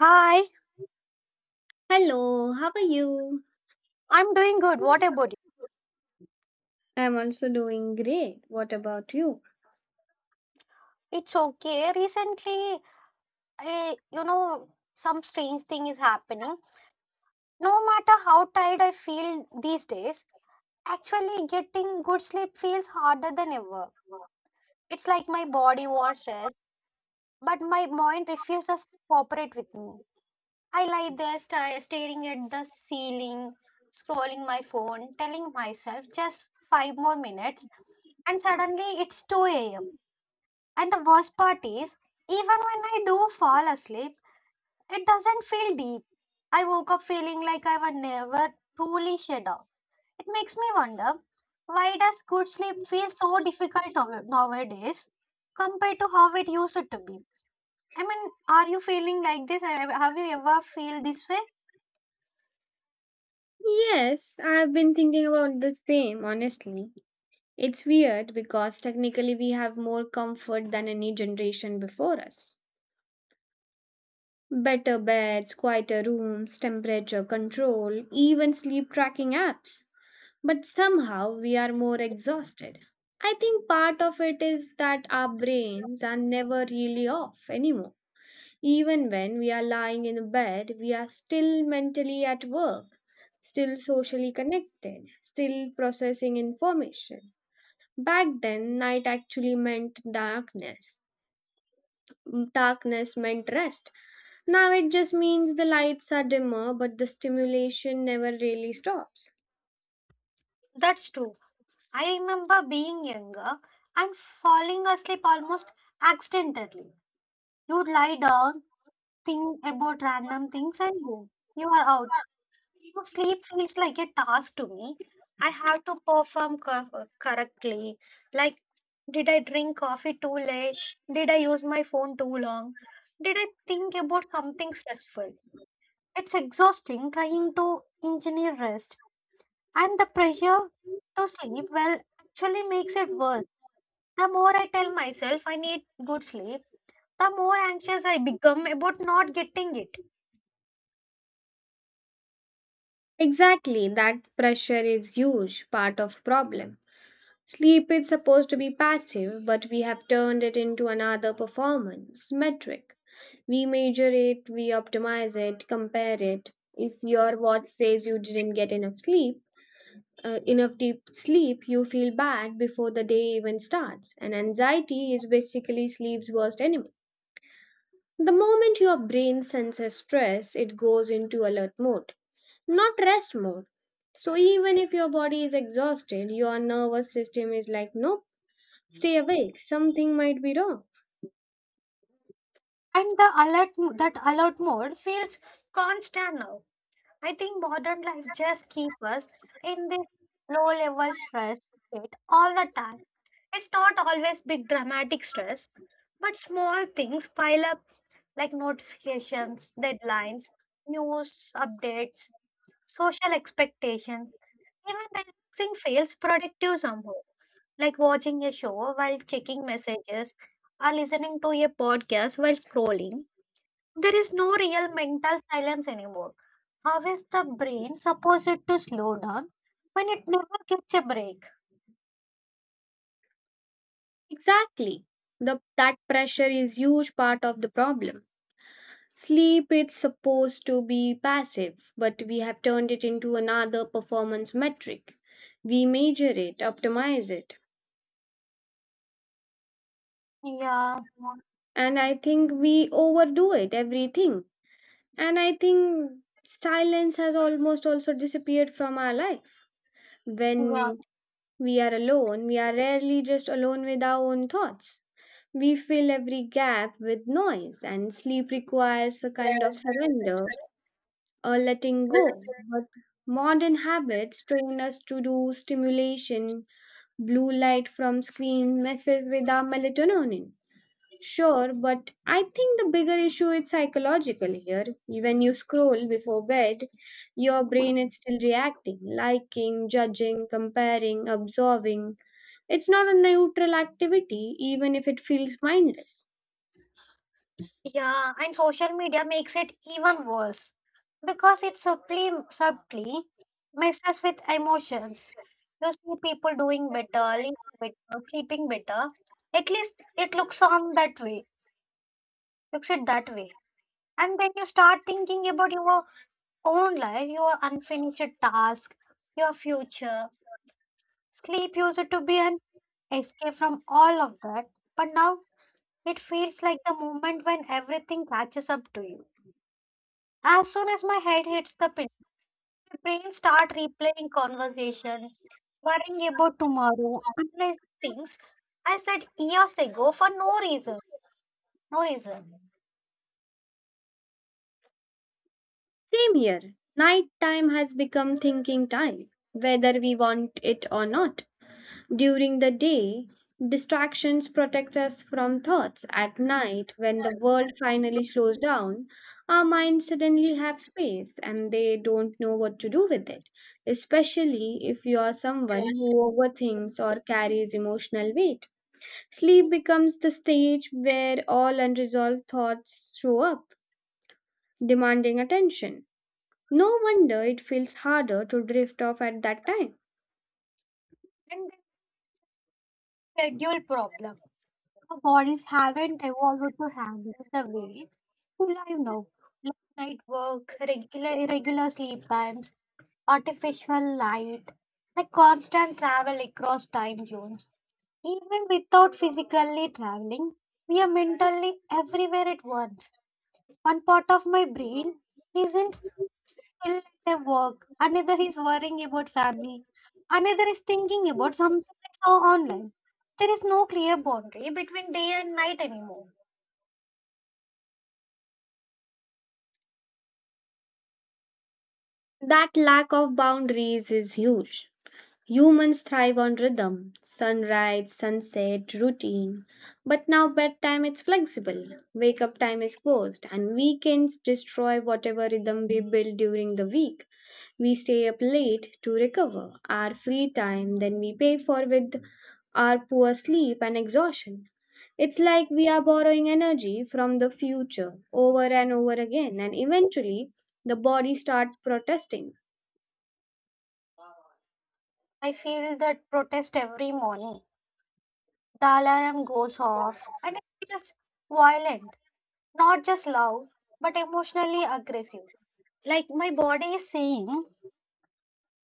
Hi, Hello, how are you? I'm doing good. What about I'm also doing great. What about you? you? It's okay. Recently, some strange thing is happening. No matter how tired I feel these days, actually getting good sleep feels harder than ever. It's like my body wants rest, but my mind refuses to cooperate with me. I lie there staring at the ceiling, scrolling my phone, telling myself just five more minutes, and suddenly it's 2 a.m. And the worst part is, even when I do fall asleep, it doesn't feel deep. I woke up feeling like I would never truly shut off. It makes me wonder, why does good sleep feel so difficult nowadays compared to how it used to be? I mean, are you feeling like this? Have you ever feel this way? Yes, I've been thinking about the same, honestly. It's weird because technically we have more comfort than any generation before us. Better beds, quieter rooms, temperature control, even sleep tracking apps. But somehow we are more exhausted. I think part of it is that our brains are never really off anymore. Even when we are lying in bed, we are still mentally at work, still socially connected, still processing information. Back then, night actually meant darkness. Darkness meant rest. Now it just means the lights are dimmer, but the stimulation never really stops. That's true. I remember being younger and falling asleep almost accidentally. You'd lie down, think about random things, and boom, you are out. No, sleep feels like a task to me. I have to perform correctly. Like, did I drink coffee too late? Did I use my phone too long? Did I think about something stressful? It's exhausting trying to engineer rest, and the pressure to sleep well actually makes it worse. The more I tell myself I need good sleep, the more anxious I become about not getting it. Exactly, that pressure is huge part of problem. Sleep is supposed to be passive, but we have turned it into another performance metric. We measure it, we optimize it, compare it. If your watch says you didn't get enough sleep, enough deep sleep, you feel bad before the day even starts. And anxiety is basically sleep's worst enemy. The moment your brain senses stress, it goes into alert mode not rest mode. So even if your body is exhausted, your nervous system is like, nope, stay awake, something might be wrong. And that alert mode feels constant now. I think modern life just keeps us in this low level stress state all the time. It's not always big dramatic stress, but small things pile up like notifications, deadlines, news updates, social expectations. Even relaxing feels productive somehow, like watching a show while checking messages or listening to a podcast while scrolling. There is no real mental silence anymore. How is the brain supposed to slow down when it never gets a break? Exactly. That pressure is huge part of the problem. Sleep is supposed to be passive, but we have turned it into another performance metric. We measure it, optimize it, Yeah, and I think we overdo it, everything. And I think silence has almost also disappeared from our life yeah. when we are alone, we are rarely just alone with our own thoughts. We fill every gap with noise, and sleep requires a kind of surrender, a letting go. But modern habits train us to do stimulation, blue light from screen messes with our melatonin. Sure, but I think the bigger issue is psychological here. When you scroll before bed, your brain is still reacting, liking, judging, comparing, absorbing it's not a neutral activity, even if it feels mindless. Yeah, and social media makes it even worse because it subtly messes with emotions. You see people doing better, living better, sleeping better. At least it looks on that way, looks it that way. And then you start thinking about your own life, your unfinished task, your future. Sleep used to be an escape from all of that, but now it feels like the moment when everything catches up to you. As soon as my head hits the pillow, my brain start replaying conversation, worrying about tomorrow, unless things I said years ago for no reason, no reason, Same here. Nighttime has become thinking time, whether we want it or not. During the day, distractions protect us from thoughts. At night, when the world finally slows down, our minds suddenly have space and they don't know what to do with it, especially if you are someone who overthinks or carries emotional weight. Sleep becomes the stage where all unresolved thoughts show up, demanding attention. No wonder it feels harder to drift off at that time. and then schedule problem. Our bodies haven't evolved to handle the way we live now. Late night work, regular irregular sleep times, artificial light, the constant travel across time zones. Even without physically traveling, we are mentally everywhere at once. One part of my brain isn't still at their work, another is worrying about family, another is thinking about something I saw online. There is no clear boundary between day and night anymore. That lack of boundaries is huge. Humans thrive on rhythm sunrise, sunset, routine. But now bedtime is flexible, wake up time is forced, and weekends destroy whatever rhythm we build during the week. We stay up late to recover our free time, then we pay for with our poor sleep and exhaustion. It's like we are borrowing energy from the future over and over again, and eventually the body starts protesting. I feel that protest every morning. The alarm goes off and it feels violent, not just loud, but emotionally aggressive. Like my body is saying,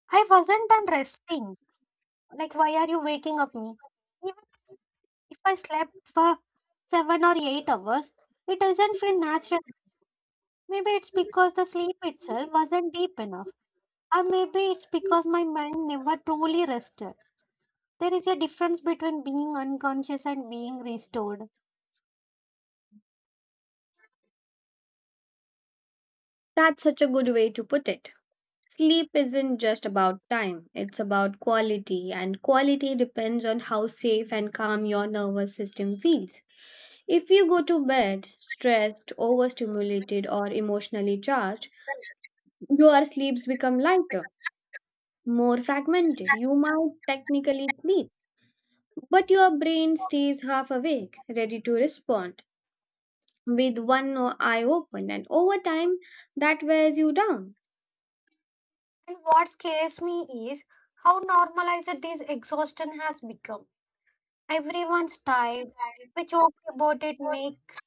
I wasn't done resting. Like, why are you waking up me? Even if I slept for 7 or 8 hours, it doesn't feel natural. Maybe it's because the sleep itself wasn't deep enough, or maybe it's because my mind never truly rested. There is a difference between being unconscious and being restored. That's such a good way to put it. Sleep isn't just about time, it's about quality, and quality depends on how safe and calm your nervous system feels. If you go to bed stressed, overstimulated, or emotionally charged, your sleeps become lighter, more fragmented. You might technically sleep, but your brain stays half awake, ready to respond, with eye open, and over time, that wears you down. And what scares me is how normalized this exhaustion has become. Everyone's tired. We joke about it, make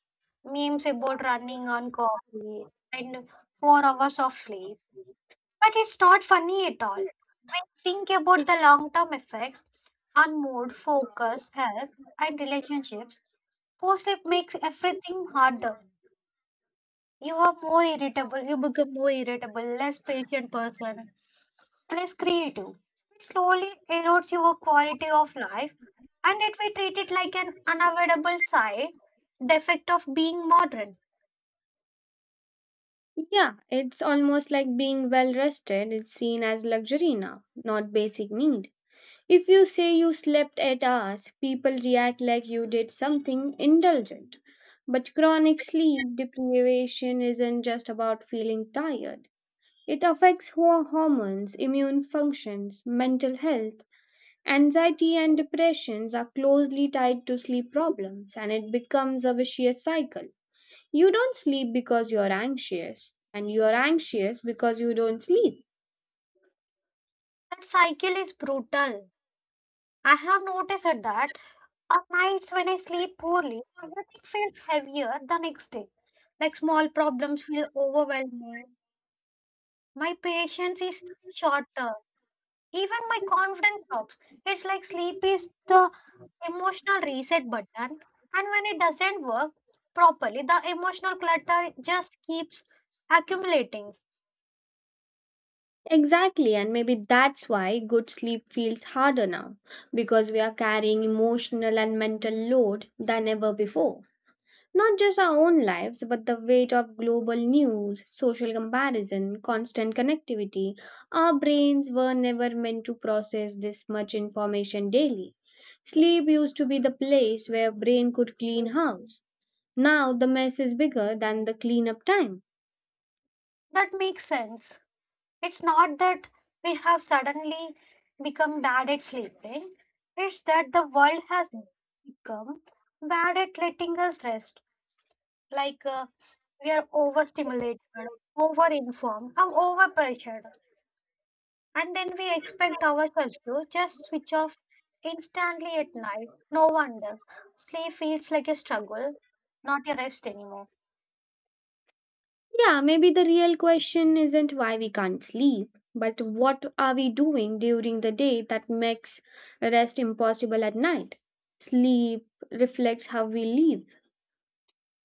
memes about running on coffee and 4 hours of sleep. But it's not funny at all. When you think about the long term effects on mood, focus, health, and relationships, poor sleep makes everything harder. You are more irritable, you become more irritable, less patient person, less creative. It slowly erodes your quality of life, and yet we treat it like an unavoidable side defect of being modern. Yeah, it's almost like being well rested. It's seen as luxury now, not basic need. If you say you slept 8 hours, people react like you did something indulgent. But chronic sleep deprivation isn't just about feeling tired. It affects hormones, immune functions, mental health. Anxiety and depressions are closely tied to sleep problems, and it becomes a vicious cycle. You don't sleep because you're anxious, and you're anxious because you don't sleep. That cycle is brutal. I have noticed that on nights when I sleep poorly, everything feels heavier the next day. Like small problems feel overwhelming. My patience is shorter. Even my confidence drops. It's like sleep is the emotional reset button. And when it doesn't work properly, the emotional clutter just keeps accumulating. Exactly, and maybe that's why good sleep feels harder now because we are carrying emotional and mental load than ever before. Not just our own lives, but the weight of global news, social comparison, constant connectivity. Our brains were never meant to process this much information daily. Sleep used to be the place where brain could clean house. Now the mess is bigger than the cleanup time. That makes sense. It's not that we have suddenly become bad at sleeping, it's that the world has become bad at letting us rest. Like we are overstimulated, overinformed, and overpressured. And then we expect ourselves to just switch off instantly at night. No wonder. Sleep feels like a struggle, not a rest anymore. Yeah, maybe the real question isn't why we can't sleep, but what are we doing during the day that makes rest impossible at night? Sleep reflects how we live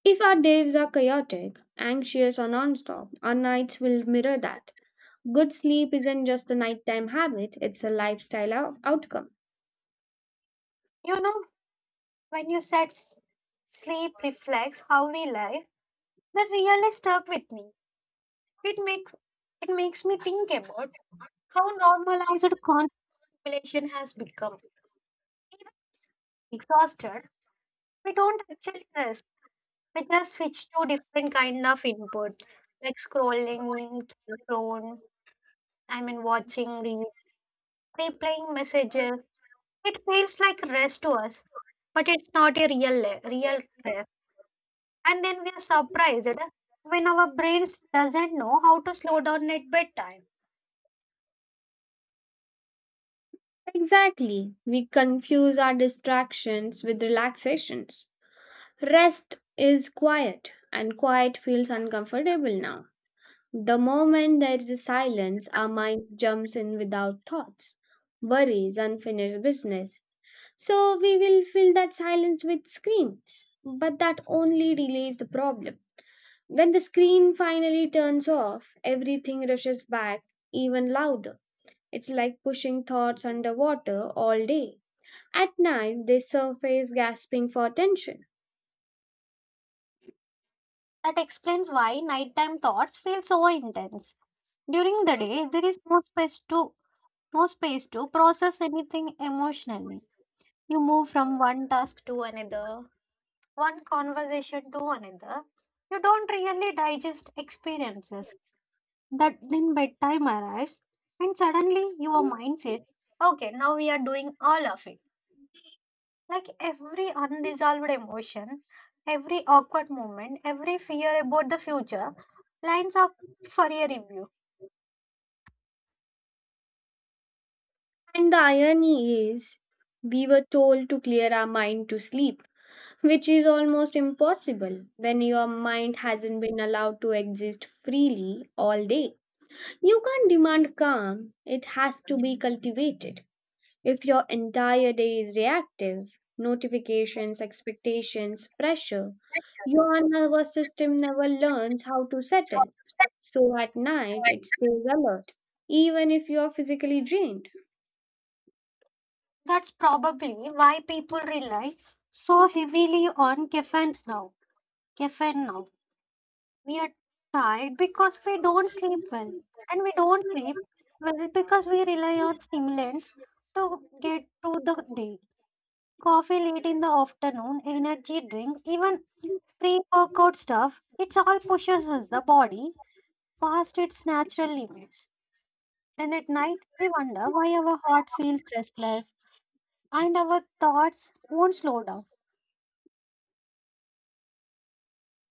if our days are chaotic, anxious, or nonstop, our nights will mirror that. Good sleep isn't just a nighttime habit, it's a lifestyle outcome. You know, when you said sleep reflects how we live, that really stuck with me. It makes it makes me think about how normalized contemplation has become. Even exhausted, we don't actually rest. We just switch to different kind of input, like scrolling through the phone. I mean, watching reels, replaying messages. It feels like rest to us, but it's not a real rest. And then we are surprised when our brains doesn't know how to slow down at bedtime. Exactly. We confuse our distractions with relaxations. Rest is quiet, and quiet feels uncomfortable now. The moment there is silence, our mind jumps in without thoughts, worries, unfinished business, so we will fill that silence with screens. But that only delays the problem. When the screen finally turns off, everything rushes back even louder. It's like pushing thoughts underwater all day. At night, they surface gasping for attention. That explains why nighttime thoughts feel so intense. During the day, there is no space to process anything emotionally. You move from one task to another, one conversation to another. You don't really digest experiences. That then bedtime arrives, and suddenly your mind says, "Okay, now we are doing all of it." Like every unresolved emotion, every awkward moment, every fear about the future lines up for a review. And the irony is, we were told to clear our mind to sleep, which is almost impossible when your mind hasn't been allowed to exist freely all day. You can't demand calm, it has to be cultivated. If your entire day is reactive, notifications, expectations, pressure, your nervous system never learns how to settle. So at night, it stays alert, even if you are physically drained. That's probably why people rely so heavily on caffeines now. Caffeine now. We are tired because we don't sleep well. And we don't sleep well because we rely on stimulants to get through the day. Coffee late in the afternoon, energy drink, even pre workout stuff, it all pushes us the body past its natural limits. Then at night, we wonder why our heart feels restless and our thoughts won't slow down.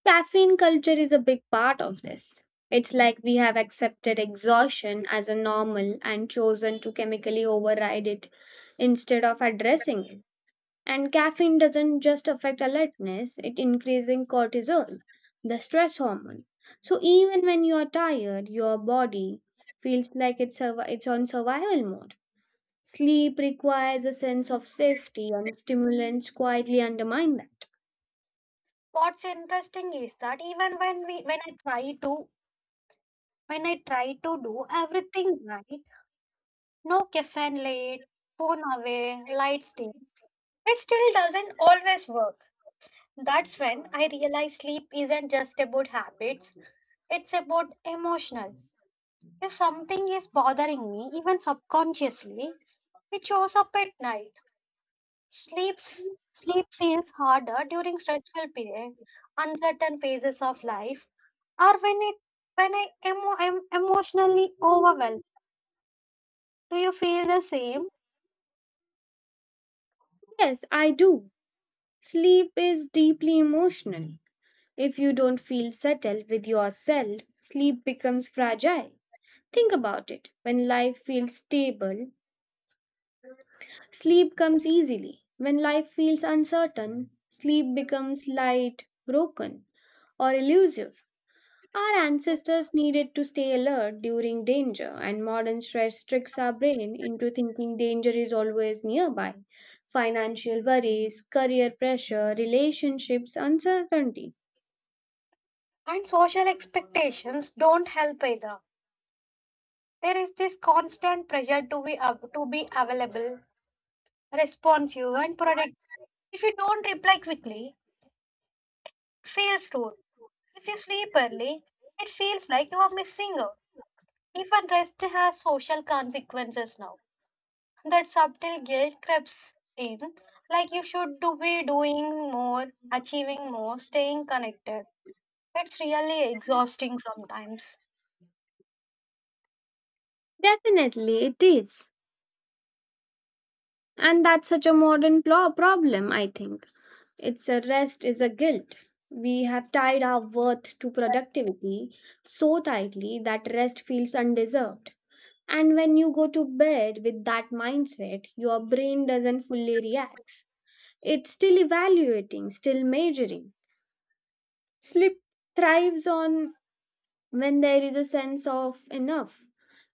Caffeine culture is a big part of this. It's like we have accepted exhaustion as a normal and chosen to chemically override it instead of addressing it. And caffeine doesn't just affect alertness, it increasing cortisol, the stress hormone. So even when you're tired, your body feels like it's on survival mode. Sleep requires a sense of safety and stimulants quietly undermine that. What's interesting is that even when we When I try to do everything right, no caffeine late, phone away, lights dim, it still doesn't always work. That's when I realize sleep isn't just about habits, it's about emotional. If something is bothering me even subconsciously, it shows up at night. sleeps Sleep feels harder during stressful period, uncertain phases of life, or when it when I am I'm emotionally overwhelmed. Do you feel the same? Yes, I do. Sleep is deeply emotional. If you don't feel settled with yourself, sleep becomes fragile. Think about it. When life feels stable, sleep comes easily. When life feels uncertain, sleep becomes light, broken, or elusive. Our ancestors needed to stay alert during danger, and modern stress tricks our brain into thinking danger is always nearby. Financial worries, career pressure, relationships, uncertainty. And social expectations don't help either. There is this constant pressure to to be available, responsive, and productive. If you don't reply quickly, it feels rude. If you sleep early, it feels like you are missing out. Even rest has social consequences now. That subtle guilt creeps in, like you should do be doing more, achieving more, staying connected. That's really exhausting sometimes. Definitely, it is. And that's such a modern problem, I think. It's a rest is a guilt. We have tied our worth to productivity so tightly that rest feels undeserved. And when you go to bed with that mindset, your brain doesn't fully react. It's still evaluating, still measuring. Sleep thrives on when there is a sense of enough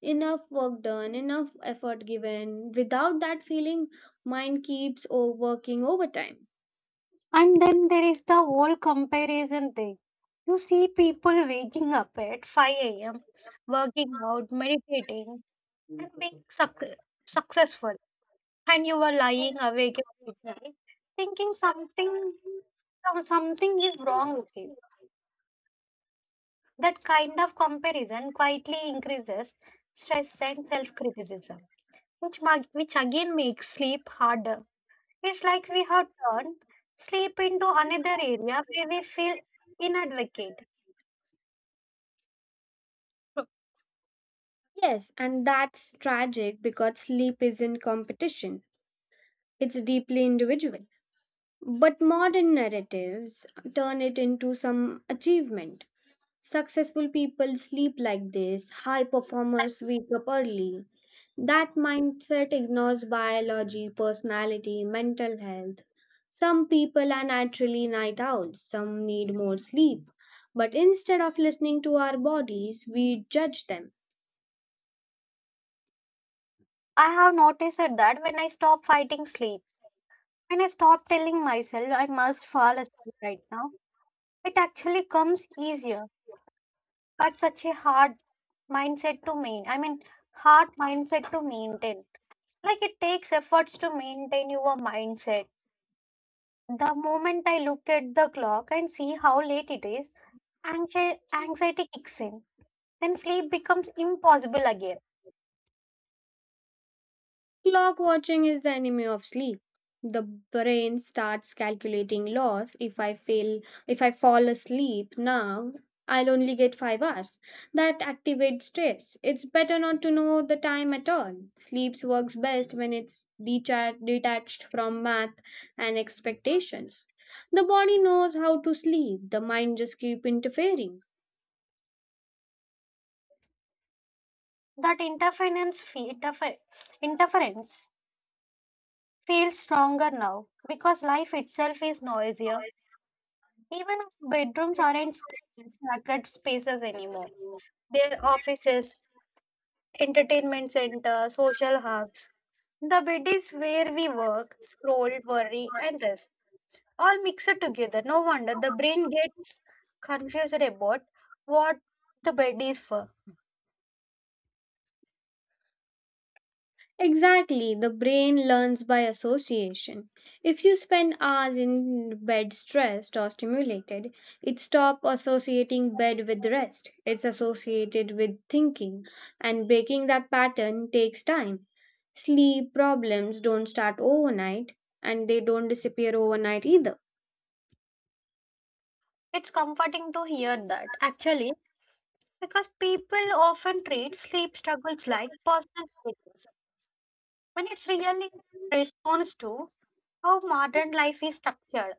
enough work done enough effort given without that feeling mind keeps working overtime And then there is the whole comparison thing. You see people waking up at 5 a.m., working out, meditating, and being successful. And you are lying awake at midnight thinking something, something is wrong with you. That kind of comparison quietly increases stress and self criticism, which, which again makes sleep harder. It's like we have turned sleep into another area where we feel inadequate. yes and that's tragic because sleep isn't competition it's deeply individual but modern narratives turn it into some achievement. Successful people sleep like this, high performers wake up early. That mindset ignores biology, personality, mental health. Some people are naturally night owls, some need more sleep. But instead of listening to our bodies, we judge them. I have noticed that when I stop fighting sleep, when I stop telling myself I must fall asleep right now, it actually comes easier. That's such a hard mindset to main. I mean, hard mindset to maintain. Like it takes efforts to maintain your mindset. The moment I look at the clock and see how late it is, anxiety kicks in. Then sleep becomes impossible again. Clock watching is the enemy of sleep. The brain starts calculating loss. If I fail, if I fall asleep now, I'll only get 5 hours. That activates stress. It's better not to know the time at all. Sleeps works best when it's detached from math and expectations. The body knows how to sleep. The mind just keep interfering. That interference feels stronger now because life itself is noisier. Even bedrooms aren't sacred spaces anymore. They're offices, entertainment centers, social hubs. The bed is where we work, scroll, worry, and rest. All mixed together. No wonder the brain gets confused about what the bed is for. Exactly, the brain learns by association. If you spend hours in bed stressed or stimulated, it stops associating bed with rest. It's associated with thinking, and breaking that pattern takes time. Sleep problems don't start overnight, and they don't disappear overnight either. It's comforting to hear that. Actually, because people often treat sleep struggles like personal failures, when it's really a response to how modern life is structured.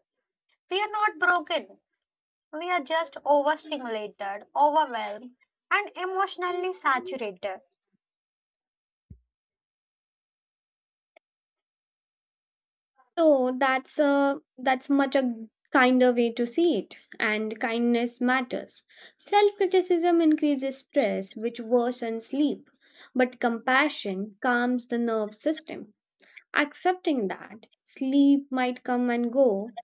We are not broken, we are just overstimulated, overwhelmed, and emotionally saturated. So that's much a kinder way to see it, and kindness matters. Self-criticism increases stress, which worsens sleep, but compassion calms the nerve system. Accepting that sleep might come and go,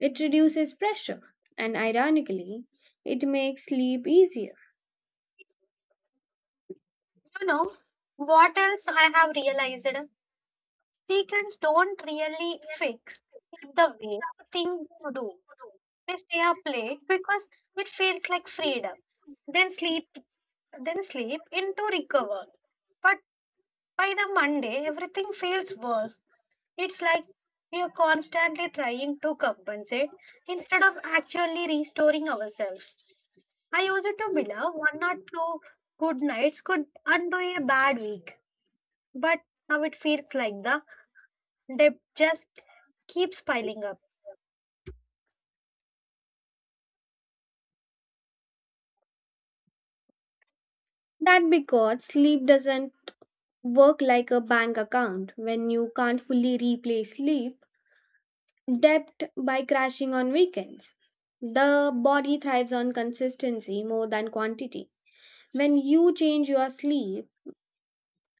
it reduces pressure, and ironically, it makes sleep easier. You know, what else I have realized? Secrets don't really fix in the way you think you do. We stay up late because it feels like freedom. Then sleep, then sleep into recover. But by the Monday, everything feels worse. It's like we are constantly trying to compensate instead of actually restoring ourselves. I used to believe one or two good nights could undo a bad week, but now it feels like the debt just keeps piling up. That because sleep doesn't work like a bank account when you can't fully replace sleep depth by crashing on weekends. The body thrives on consistency more than quantity. When you change your sleep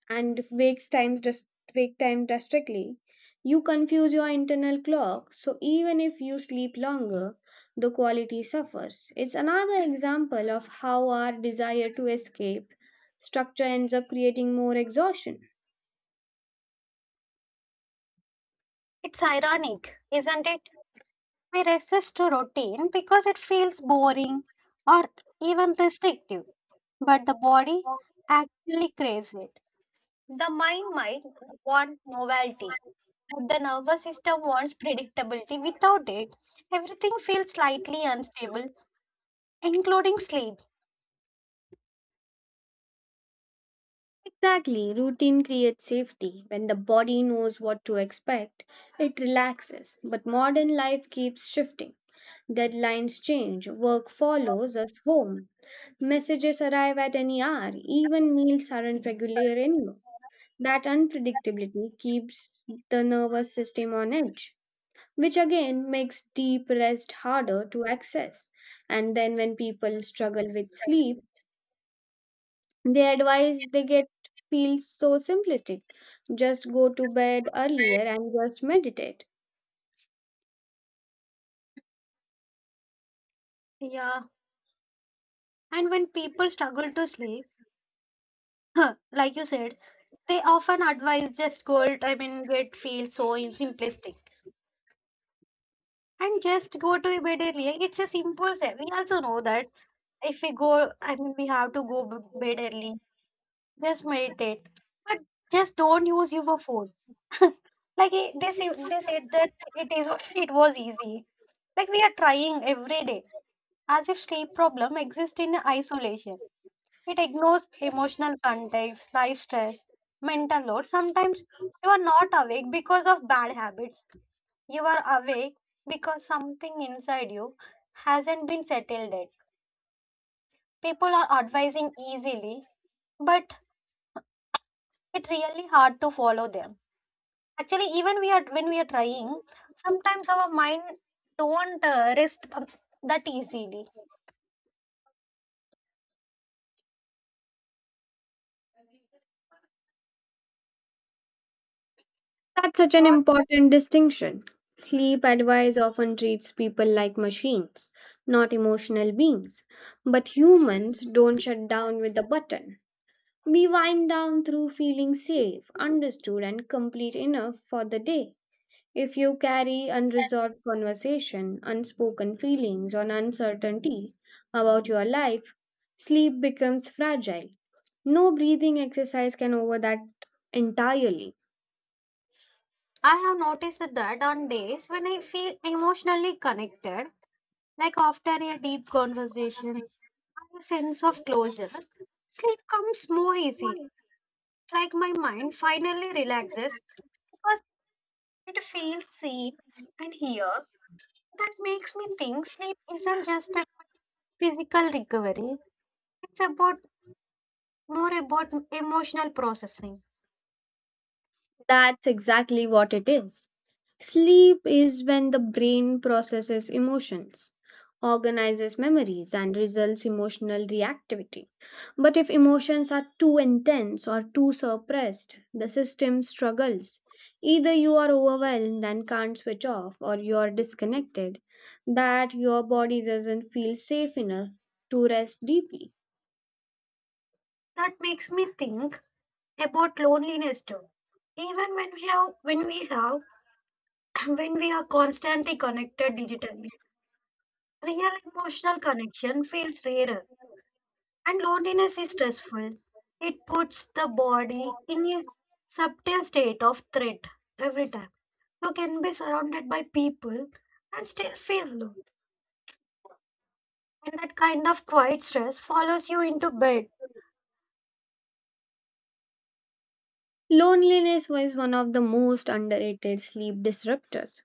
and wake times just wake time drastically, you confuse your internal clock. So even if you sleep longer, the quality suffers. It's another example of how our desire to escape structure ends up creating more exhaustion. It's ironic, isn't it? We resist to routine because it feels boring or even restrictive, but the body actually craves it. The mind might want novelty, but the nervous system wants predictability. Without it, everything feels slightly unstable, including sleep. Exactly, routine creates safety. When the body knows what to expect, it relaxes. But modern life keeps shifting. Deadlines change, work follows us home, messages arrive at any hour, even meals aren't regular anymore. That unpredictability keeps the nervous system on edge, which again makes deep rest harder to access. And then, when people struggle with sleep, the advice they get feels so simplistic. Just go to bed earlier and just meditate. Yeah, and when people struggle to sleep, like you said, they often advise just go. I mean, it feels so simplistic, and just go to bed early. It's a simple step. We also know that if we go, I mean, we have to bed early. Just meditate, but just don't use your phone. Like they said that it is it was easy, like we are trying every day, as if sleep problem exists in isolation. It ignores emotional context, life stress, mental load. Sometimes you are not awake because of bad habits, you are awake because something inside you hasn't been settled yet. People are advising easily, but it's really hard to follow them. Actually, even we are when we are trying, sometimes our mind don't rest that easily. That's such an What important distinction. Sleep advice often treats people like machines, not emotional beings. But humans don't shut down with a button. We wind down through feeling safe, understood, and complete enough for the day. If you carry unresolved conversation, unspoken feelings, or uncertainty about your life, sleep becomes fragile. No breathing exercise can over that entirely. I have noticed that on days when I feel emotionally connected, like after a deep conversation, a sense of closure, sleep comes more easy. It's like my mind finally relaxes because it feels seen and here. That makes me think sleep isn't just a physical recovery. It's about more about emotional processing. That's exactly what it is. Sleep is when the brain processes emotions, organizes memories, and results emotional reactivity. But if emotions are too intense or too suppressed, the system struggles. Either you are overwhelmed and can't switch off, or you are disconnected, that your body doesn't feel safe enough to rest deeply. That makes me think about loneliness too. Even when we have when we are constantly connected digitally, real emotional connection feels rarer. And loneliness is stressful. It puts the body in a subtle state of threat every time. You can be surrounded by people and still feel alone. And that kind of quiet stress follows you into bed. Loneliness was one of the most underrated sleep disruptors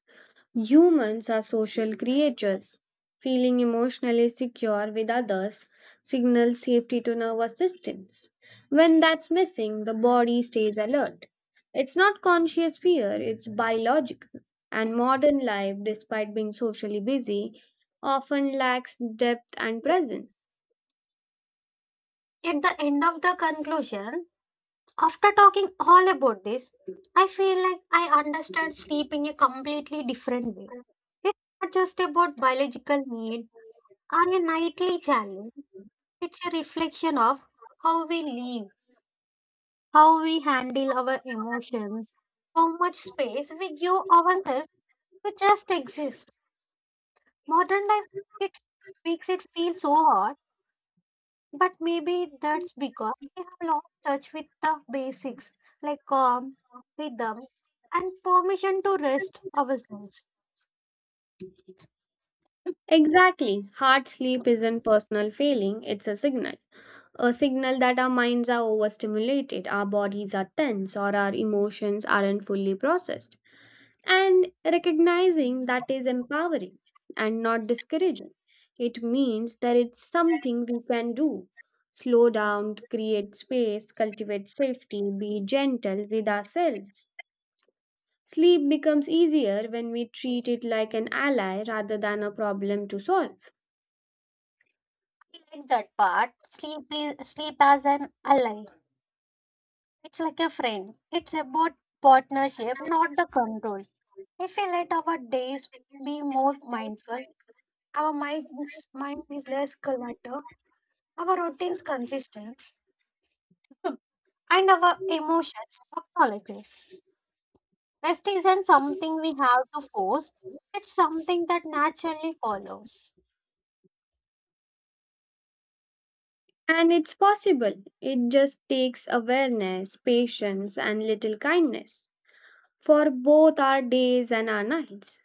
humans are social creatures. Feeling emotionally secure with others signals safety to nervous systems. When that's missing, the body stays alert. It's not conscious fear, it's biological. And modern life, despite being socially busy, often lacks depth and presence. At the end of the conclusion, after talking all about this, I feel like I understand sleep in a completely different way. It's not just about biological need or a nightly challenge, it's a reflection of how we live, how we handle our emotions, how much space we give ourselves to just exist. Modern life, it makes it feel so hard. But maybe that's because we have lost touch with the basics like calm, rhythm, and permission to rest ourselves. Exactly. Hard sleep isn't personal failing, it's a signal. A signal that our minds are overstimulated, our bodies are tense, or our emotions aren't fully processed. And recognizing that is empowering and not discouraging. It means that it's something we can do. Slow down, create space, cultivate safety, be gentle with ourselves. Sleep becomes easier when we treat it like an ally rather than a problem to solve. I like that part. Sleep as an ally. It's like a friend. It's about partnership, not the control. If we let our days be more mindful, our mind is less cluttered, our routines consistent, and our emotions acknowledged. Rest isn't something we have to force, it's something that naturally follows. And it's possible. It just takes awareness, patience, and little kindness for both our days and our nights.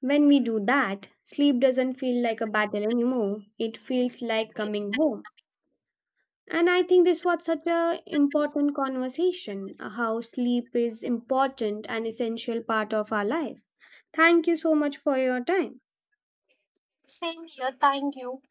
When we do that, sleep doesn't feel like a battle anymore. It feels like coming home. And I think this was such a important conversation how sleep is important and essential part of our life. Thank you so much for your time. Same here, thank you.